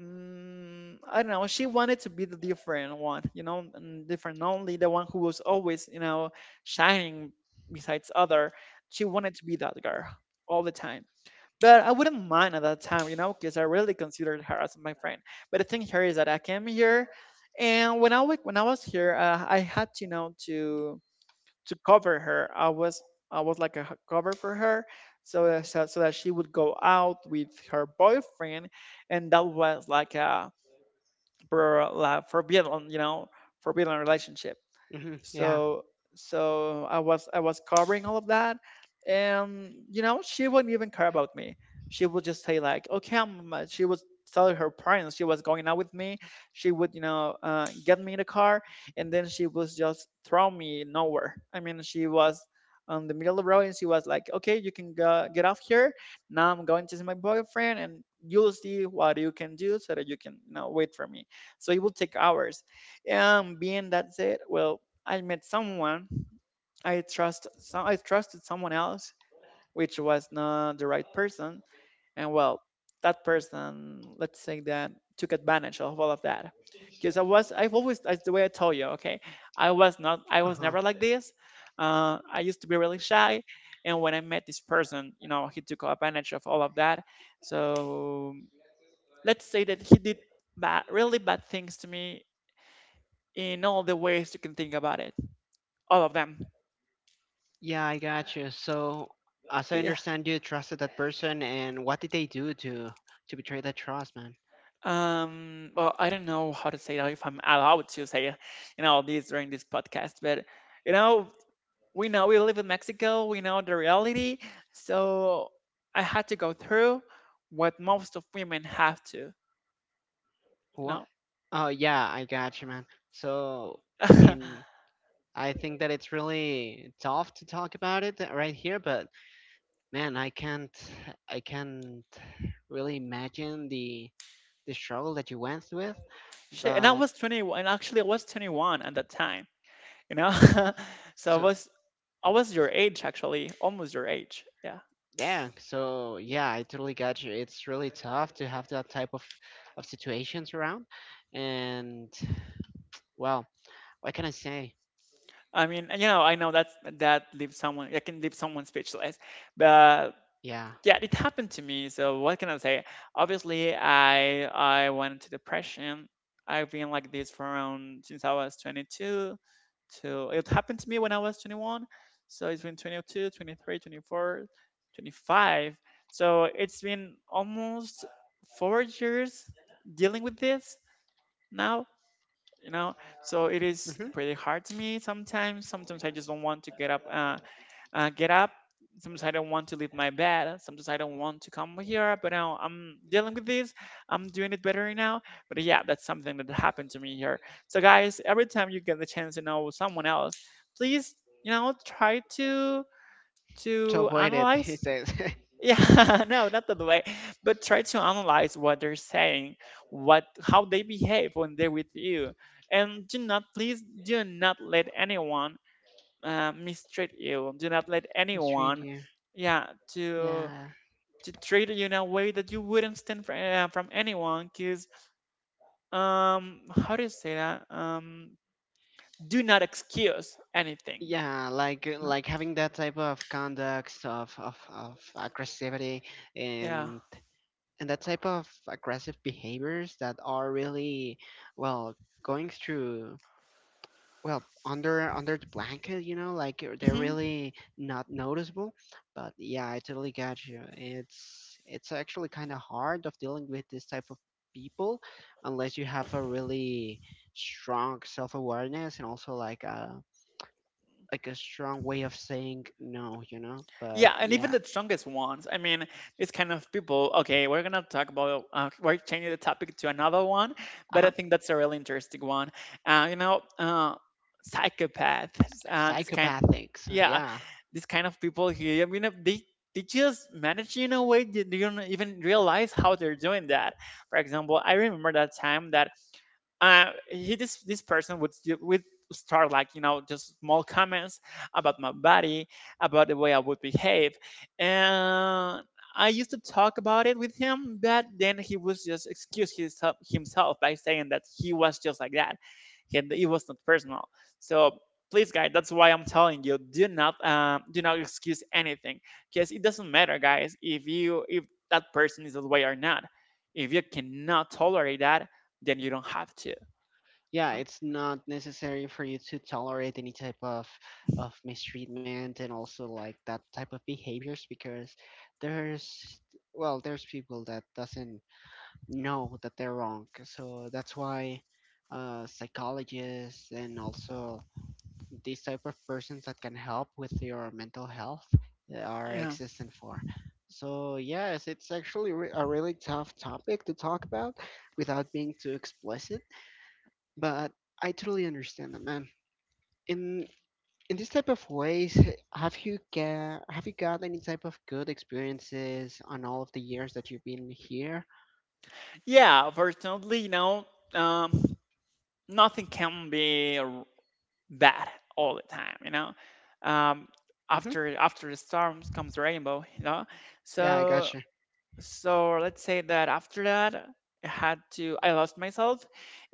Speaker 2: I don't know. She wanted to be the different one, and different, only the one who was always, shining besides other. She wanted to be that girl all the time. But I wouldn't mind at that time, because I really considered her as my friend. But the thing here is that I came here, and when I was here, I had to to cover her. I was like cover for her, so so that she would go out with her boyfriend, and that was like a for like forbidden, forbidden relationship.
Speaker 1: Mm-hmm. Yeah.
Speaker 2: So I was covering all of that. And you know, she wouldn't even care about me. She would just say like, "Okay, I'm she would tell her parents she was going out with me. She would, get me in the car, and then she was just throw me nowhere. I mean, she was on the middle of the road and she was like, "Okay, you can go, get off here. Now I'm going to see my boyfriend, and you'll see what you can do so that you can, wait for me." So it would take hours. And being that said, well, I met someone, I trusted someone else, which was not the right person. And well, that person, let's say that, took advantage of all of that, because I've always, that's the way I told you, okay, I
Speaker 1: Uh
Speaker 2: was
Speaker 1: huh.
Speaker 2: never like this. I used to be really shy, and when I met this person, you know, he took advantage of all of that. So let's say that he did bad, really bad things to me in all the ways you can think about it, all of them.
Speaker 1: Yeah, I got you. So, as I
Speaker 2: Yeah.
Speaker 1: understand, you trusted that person, and what did they do to betray that trust, man?
Speaker 2: Well, I don't know how to say that, if I'm allowed to say, you know, this during this podcast, but you know we live in Mexico, we know the reality. So I had to go through what most of women have to, you
Speaker 1: What?
Speaker 2: know.
Speaker 1: Oh, yeah, I got you, man. So, I mean, I think that it's really tough to talk about it right here, but man, I can't really imagine the struggle that you went with,
Speaker 2: Shit, and I
Speaker 1: but
Speaker 2: was 21. And actually, I was 21 at that time, you know. So I
Speaker 1: so
Speaker 2: was I was your age actually, almost your age. Yeah.
Speaker 1: yeah, so yeah, I totally got you. It's really tough to have that type of situations around, and well, what can I say?
Speaker 2: I mean, and, you know, I know that I can leave someone speechless, but
Speaker 1: Yeah.
Speaker 2: yeah, it happened to me. So what can I say? Obviously, I went into depression. I've been like this for around, since I was 22. To It happened to me when I was 21, so it's been 22, 23, 24, 25. So it's been almost 4 years dealing with this now, you know. So it is
Speaker 1: Hmm.
Speaker 2: pretty hard to me sometimes. Sometimes I just don't want to get up get up. Sometimes I don't want to leave my bed. Sometimes I don't want to come here, but now I'm dealing with this. I'm doing it better now. But yeah, that's something that happened to me here. So guys, every time you get the chance to know someone else, please, you know, try to
Speaker 1: To
Speaker 2: to
Speaker 1: avoid it, he
Speaker 2: analyze.
Speaker 1: says.
Speaker 2: Yeah, no, not that way, but try to analyze what they're saying, what how they behave when they're with you, and do not, please do not let anyone mistreat you. Do not let
Speaker 1: It's
Speaker 2: anyone,
Speaker 1: really,
Speaker 2: yeah, to
Speaker 1: yeah.
Speaker 2: to treat you in a way that you wouldn't stand for, from anyone. Cause how do you say that? Do not excuse anything.
Speaker 1: Yeah, like
Speaker 2: Uh,
Speaker 1: like having that type of conduct of, of aggressivity,
Speaker 2: Yeah.
Speaker 1: and that type of aggressive behaviors that are really, well, going through, well, under the blanket, you know, like, they're
Speaker 2: Hmm.
Speaker 1: really not noticeable. But yeah, I totally got you. It's actually kind of hard of dealing with this type of people, unless you have a really strong self-awareness and also like a strong way of saying no, you know? But
Speaker 2: Yeah, and even
Speaker 1: yeah.
Speaker 2: the strongest ones. I mean, these kind of people. Okay, we're gonna talk about. We're changing the topic to another one, but I
Speaker 1: Uh-huh.
Speaker 2: think that's a really interesting one. Uh, you know, uh, Psychopaths. This kind.
Speaker 1: Psychopathics,
Speaker 2: Yeah,
Speaker 1: yeah.
Speaker 2: this kind of people here. I mean, they just manage in a way that you don't even realize how they're doing that. For example, I remember that time that, he this person would would start like, you know, just small comments about my body, about the way I would behave. And I used to talk about it with him, but then he was just excuse himself by saying that he was just like that and it was not personal. So please guys, that's why I'm telling you, do not excuse anything, because it doesn't matter guys, if that person is that way or not. If you cannot tolerate that, then you don't have to.
Speaker 1: Yeah,
Speaker 2: uh,
Speaker 1: it's not necessary for you to tolerate any type of mistreatment, and also like that type of behaviors, because there's, well, there's people that doesn't know that they're wrong. So that's why psychologists and also these type of persons that can help with your mental health, are
Speaker 2: Yeah.
Speaker 1: existent for. So yes, it's actually a really tough topic to talk about without being too explicit, but I totally understand that, man. In this type of ways, have you got any type of good experiences on all of the years that you've been here?
Speaker 2: Yeah, fortunately, you know, um, nothing can be bad all the time, you know. Um,
Speaker 1: Hmm.
Speaker 2: After the storms comes rainbow, you know.
Speaker 1: Yeah, I
Speaker 2: So
Speaker 1: gotcha.
Speaker 2: let's say that after that, I had to I lost myself,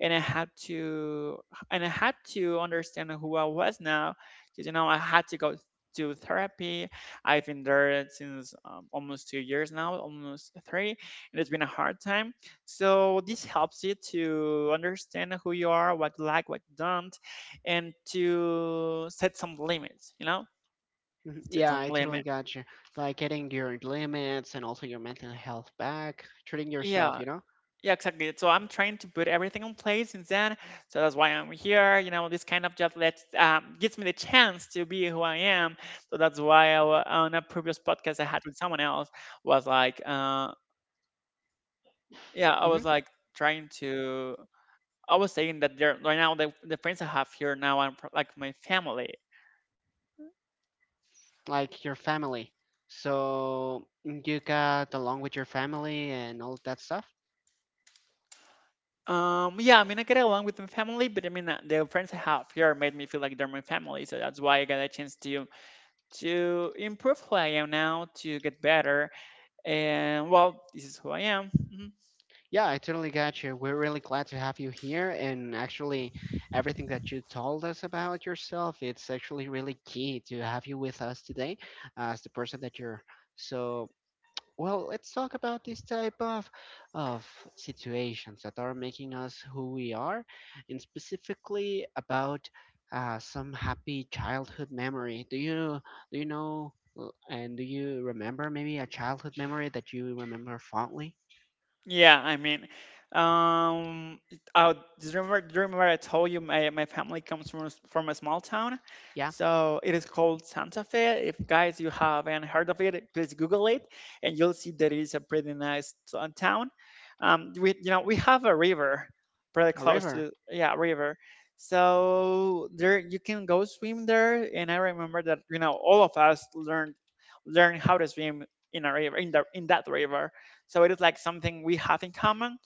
Speaker 2: and I had to, understand who I was now. Because you know, I had to go to therapy. I've been there since, almost 2 years now, almost 3, and it's been a hard time. So this helps you to understand who you are, what you like, what you don't, and to set some limits, you know.
Speaker 1: Mhm.
Speaker 2: Set
Speaker 1: Yeah,
Speaker 2: some
Speaker 1: I totally
Speaker 2: limits.
Speaker 1: got you. Like getting your limits and also your mental health back, treating yourself,
Speaker 2: Yeah.
Speaker 1: you know.
Speaker 2: Yeah, exactly. So I'm trying to put everything in place since then. So that's why I'm here. You know, this kind of job lets gives me the chance to be who I am. So that's why on a previous podcast I had with someone else, was like, uh, yeah, I
Speaker 1: Hmm.
Speaker 2: was like trying to. I was saying that there right now, the friends I have here now are like my family.
Speaker 1: Like your family. So you got along with your family and all that stuff.
Speaker 2: Yeah, I mean, I get along with my family, but I mean, the friends I have here made me feel like they're my family. So that's why I got a chance to improve who I am now, to get better. And well, this is who I am. Mhm.
Speaker 1: Yeah, I totally got you. We're really glad to have you here. And actually, everything that you told us about yourself, it's actually really key to have you with us today as the person that you're. So, well, let's talk about this type of of situations that are making us who we are, and specifically about some happy childhood memory. Do you know do you remember maybe a childhood memory that you remember fondly?
Speaker 2: Yeah, I mean, um, I do, do you remember I told you my family comes from from a small town,
Speaker 1: Yeah,
Speaker 2: so it is called Santa Fe. If guys you haven't heard of it, please Google it, and you'll see that it is a pretty nice town. We, you know, we have a river pretty
Speaker 1: a
Speaker 2: close
Speaker 1: river.
Speaker 2: to, yeah, river, so there you can go swim there. And I remember that, you know, all of us learned, how to swim in a river, in that river. So it is like something we have in common.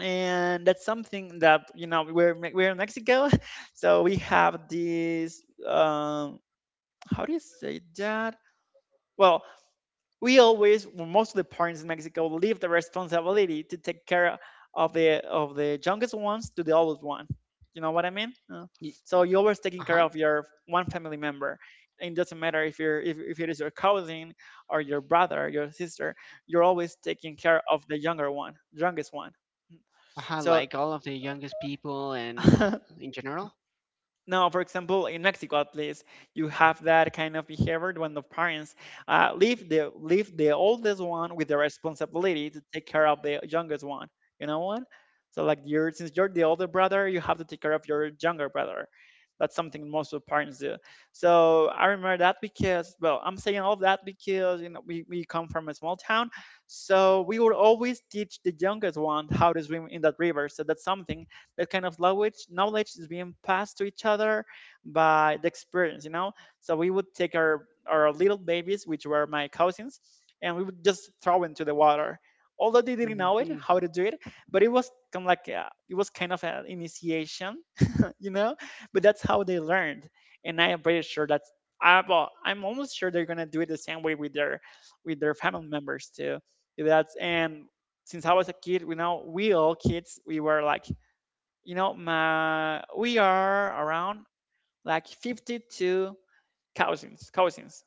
Speaker 2: And that's something that, you know, we're in Mexico. So we have this, how do you say that? Well, we always well, most of the parents in Mexico leave the responsibility to take care of the, youngest ones to the oldest one. You know what I mean?
Speaker 1: Y-
Speaker 2: So you're always taking care
Speaker 1: Uh-huh.
Speaker 2: of your one family member. It doesn't matter if you're if it is your cousin, or your brother, or your sister. You're always taking care of the younger one youngest one.
Speaker 1: Uh-huh.
Speaker 2: So
Speaker 1: Like all of the youngest people and in general.
Speaker 2: no, for example, in Mexico at least, you have that kind of behavior when the parents leave the oldest one with the responsibility to take care of the youngest one. You know what? So like you're, since you're the older brother, you have to take care of your younger brother. That's something most of parents do. So I remember that because, well, I'm saying all of that because you know, we come from a small town. So we would always teach the youngest one how to swim in that river. So that's something, that kind of language knowledge is being passed to each other by the experience, you know. So we would take our, little babies, which were my cousins, and we would just throw into the water, although they didn't know it
Speaker 1: Hmm.
Speaker 2: how to do it. But it was kind of like a, it was kind of an initiation, you know. But that's how they learned, and I am pretty sure that's, well, I'm almost sure they're gonna do it the same way with their, family members too. That's and, since I was a kid, you know, we all kids, we were like, you know, my we are around like 52 cousins. Cousins.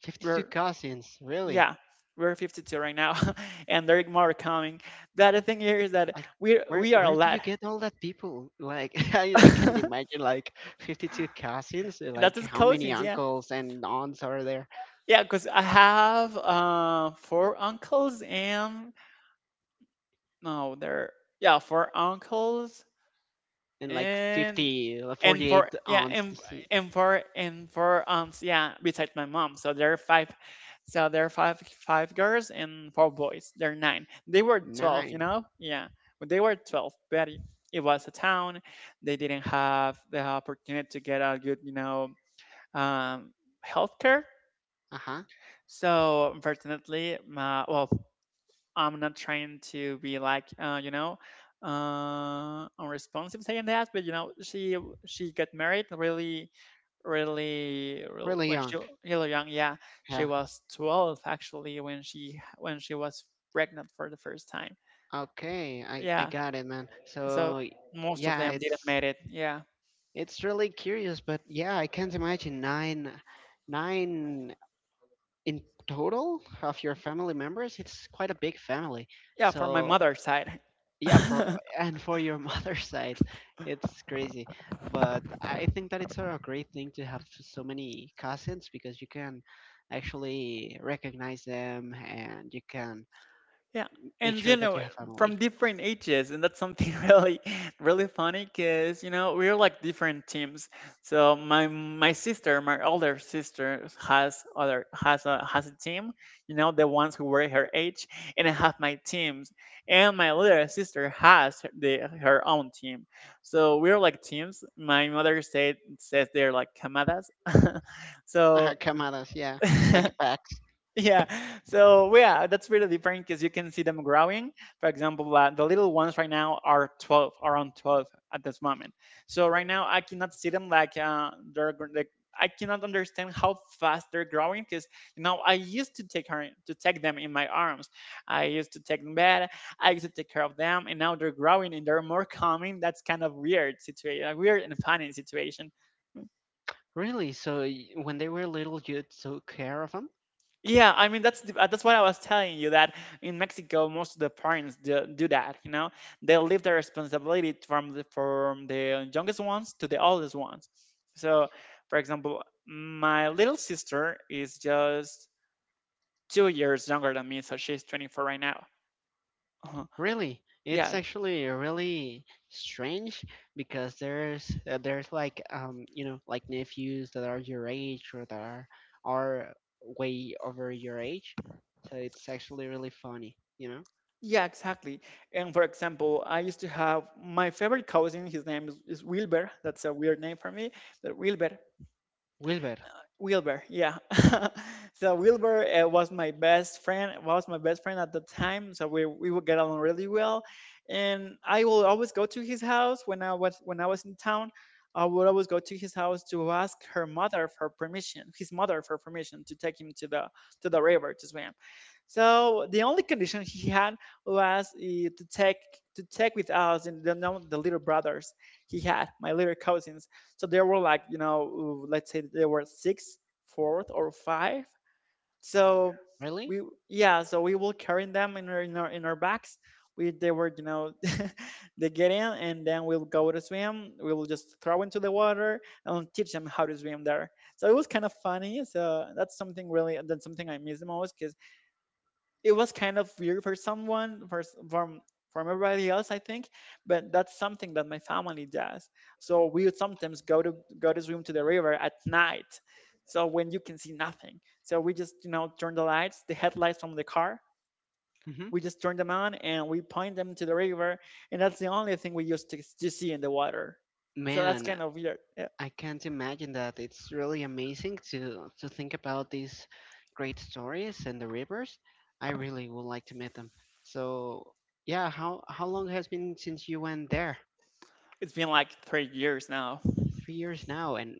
Speaker 1: 52
Speaker 2: We're
Speaker 1: cousins, really?
Speaker 2: Yeah, we're 52 right now, and there are more coming. The other thing here is that
Speaker 1: Like where
Speaker 2: we are a
Speaker 1: where do
Speaker 2: lot.
Speaker 1: you get all that people? Like, I can't imagine like 52 cousins,
Speaker 2: That
Speaker 1: like
Speaker 2: is
Speaker 1: how many
Speaker 2: cousins, yeah,
Speaker 1: uncles and aunts are there?
Speaker 2: yeah. Because I have, four uncles and, no, there yeah, four uncles.
Speaker 1: And like
Speaker 2: and
Speaker 1: 50
Speaker 2: and for
Speaker 1: 48
Speaker 2: Yeah,
Speaker 1: aunts to see.
Speaker 2: and for aunts, yeah, besides my mom, so there are five. so there are five Five girls and four boys, they're 9. They were 12, you
Speaker 1: Nine.
Speaker 2: know. Yeah, but they were 12, but it was a town, they didn't have the opportunity to get a good, you know, um healthcare.
Speaker 1: Uh-huh.
Speaker 2: So unfortunately my, well, I'm not trying to be like, unresponsive saying that, but you know, she got married really,
Speaker 1: Really
Speaker 2: when she,
Speaker 1: young.
Speaker 2: really young, yeah, she
Speaker 1: Yeah.
Speaker 2: was 12 actually when she was pregnant for the first time.
Speaker 1: Okay. I
Speaker 2: Yeah.
Speaker 1: got it, man.
Speaker 2: So
Speaker 1: So
Speaker 2: most of
Speaker 1: yeah,
Speaker 2: them didn't
Speaker 1: it's
Speaker 2: made it. Yeah.
Speaker 1: It's really curious, but yeah, I can't imagine nine, nine in total of your family members. It's quite a big family.
Speaker 2: Yeah, for my
Speaker 1: So
Speaker 2: mother's side.
Speaker 1: yeah, for and for your mother's side, it's crazy. But I think that it's a great thing to have so many cousins, because you can actually recognize them and you can
Speaker 2: Yeah,
Speaker 1: make
Speaker 2: and you
Speaker 1: sure that
Speaker 2: know,
Speaker 1: you have
Speaker 2: from
Speaker 1: family.
Speaker 2: different ages, and that's something really, really funny, because you know, we're like different teams. So my sister, my older sister, has other has a team. You know, the ones who were her age, and I have my teams, and my little sister has the her own team. So we're like teams. My mother said says they're like camadas. So
Speaker 1: Kamadas, yeah, like packs.
Speaker 2: yeah. So well, yeah, that's really different because you can see them growing. For example, the little ones right now are 12, around 12 at this moment. So right now I cannot see them like, I cannot understand how fast they're growing, because you know, I used to take her to take them in my arms. I used to take them bed. I used to take care of them, and now they're growing and they're more calming. That's kind of weird situation, a weird and funny situation.
Speaker 1: Really? So when they were little, you took care of them?
Speaker 2: Yeah, I mean that's what I was telling you that in Mexico most of the parents do that, you know. They leave the responsibility from the youngest ones to the oldest ones. So, for example, my little sister is just 2 years younger than me, so she's 24 right now. Uh-huh.
Speaker 1: Really? It's
Speaker 2: Yeah.
Speaker 1: actually really strange because there's like, you know, like nephews that are your age or that are are way over your age, so it's actually really funny, you know.
Speaker 2: Yeah, exactly. And for example, I used to have my favorite cousin, his name is Wilbur. That's a weird name for me, but Wilbur.
Speaker 1: Wilbur,
Speaker 2: Wilbur, yeah. So Wilbur was my best friend. Was my best friend at the time. So we would get along really well, and I will always go to his house when I was in town. I would always go to his house to ask her mother for permission, his mother for permission to take him to the river to swim. So the only condition he had was to take to take with us and the little brothers he had, my little cousins. So there were like, you know, let's say there were six, fourth or five. So
Speaker 1: really?
Speaker 2: we, yeah, so we will carry them in in our bags. We They were, you know, they get in and then we'll go to swim. We will just throw into the water and teach them how to swim there. So it was kind of funny. So that's something I miss the most because it was kind of weird for from everybody else, I think, but that's something that my family does. So we would sometimes go to swim to the river at night, so when you can see nothing. So we just, you know, turn the headlights from the car,
Speaker 1: Mm-hmm.
Speaker 2: we just turn them on and we point them to the river, and that's the only thing we used to see in the water. So that's
Speaker 1: Man,
Speaker 2: kind of weird, yeah.
Speaker 1: I can't imagine that. It's really amazing to think about these great stories and the rivers. I really would like to meet them. So, yeah, how long has been since you went there?
Speaker 2: It's been like 3 years now.
Speaker 1: 3 years now, and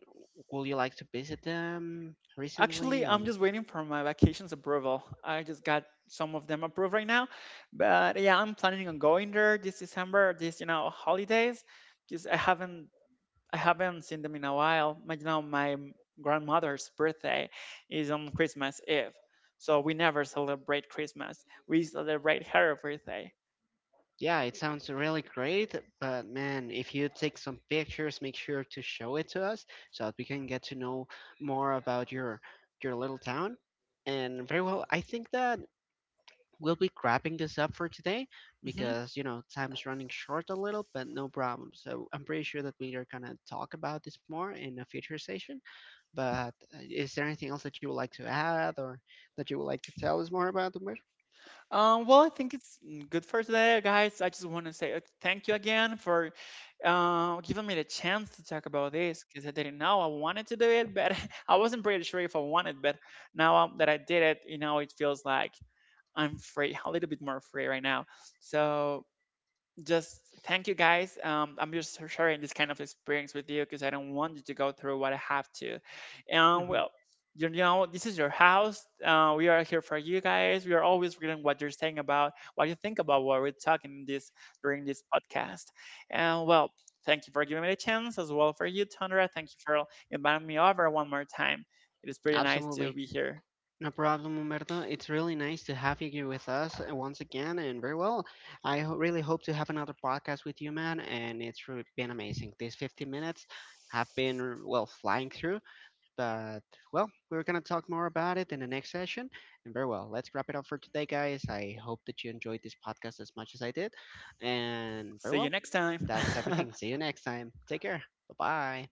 Speaker 1: would you like to visit them recently?
Speaker 2: Actually,
Speaker 1: Or,
Speaker 2: I'm just waiting for my vacations approval. I just got some of them approved right now, but yeah, I'm planning on going there this December. This, you know, holidays, just I haven't seen them in a while. My, you know, my grandmother's birthday is on Christmas Eve, so we never celebrate Christmas. We celebrate her birthday.
Speaker 1: yeah, it sounds really great. But man, if you take some pictures, make sure to show it to us so that we can get to know more about your little town. And very well, I think that we'll be wrapping this up for today,
Speaker 2: Mm-hmm.
Speaker 1: because you know, time's running short a little, but no problem. So I'm pretty sure that we are going to talk about this more in a future session. But is there anything else that you would like to add, or that you would like to tell us more about, Humberto?
Speaker 2: Well, I think it's good for today, guys. I just want to say thank you again for giving me the chance to talk about this because I didn't know I wanted to do it, but I wasn't pretty sure if I wanted. But now that I did it, you know, it feels like I'm free, a little bit more free right now. So just thank you guys. I'm just sharing this kind of experience with you because I don't want you to go through what I have to. And
Speaker 1: Hmm.
Speaker 2: well, you know, this is your house. We are here for you guys. We are always reading what you're saying about what you think about what we're talking this during this podcast. And well, thank you for giving me the chance as well for you, Tundra. Thank you for inviting me over one more time. It is pretty nice to
Speaker 1: Absolutely.
Speaker 2: be here.
Speaker 1: No problem, Humberto. It's really nice to have you here with us once again. And very well, really hope to have another podcast with you, man. And it's really been amazing. These 50 minutes have been, well, flying through. But, well, we're gonna talk more about it in the next session. And very well, let's wrap it up for today, guys. I hope that you enjoyed this podcast as much as I did. And very
Speaker 2: See you
Speaker 1: well,
Speaker 2: next time.
Speaker 1: that's everything. See you next time. Take care. Bye bye.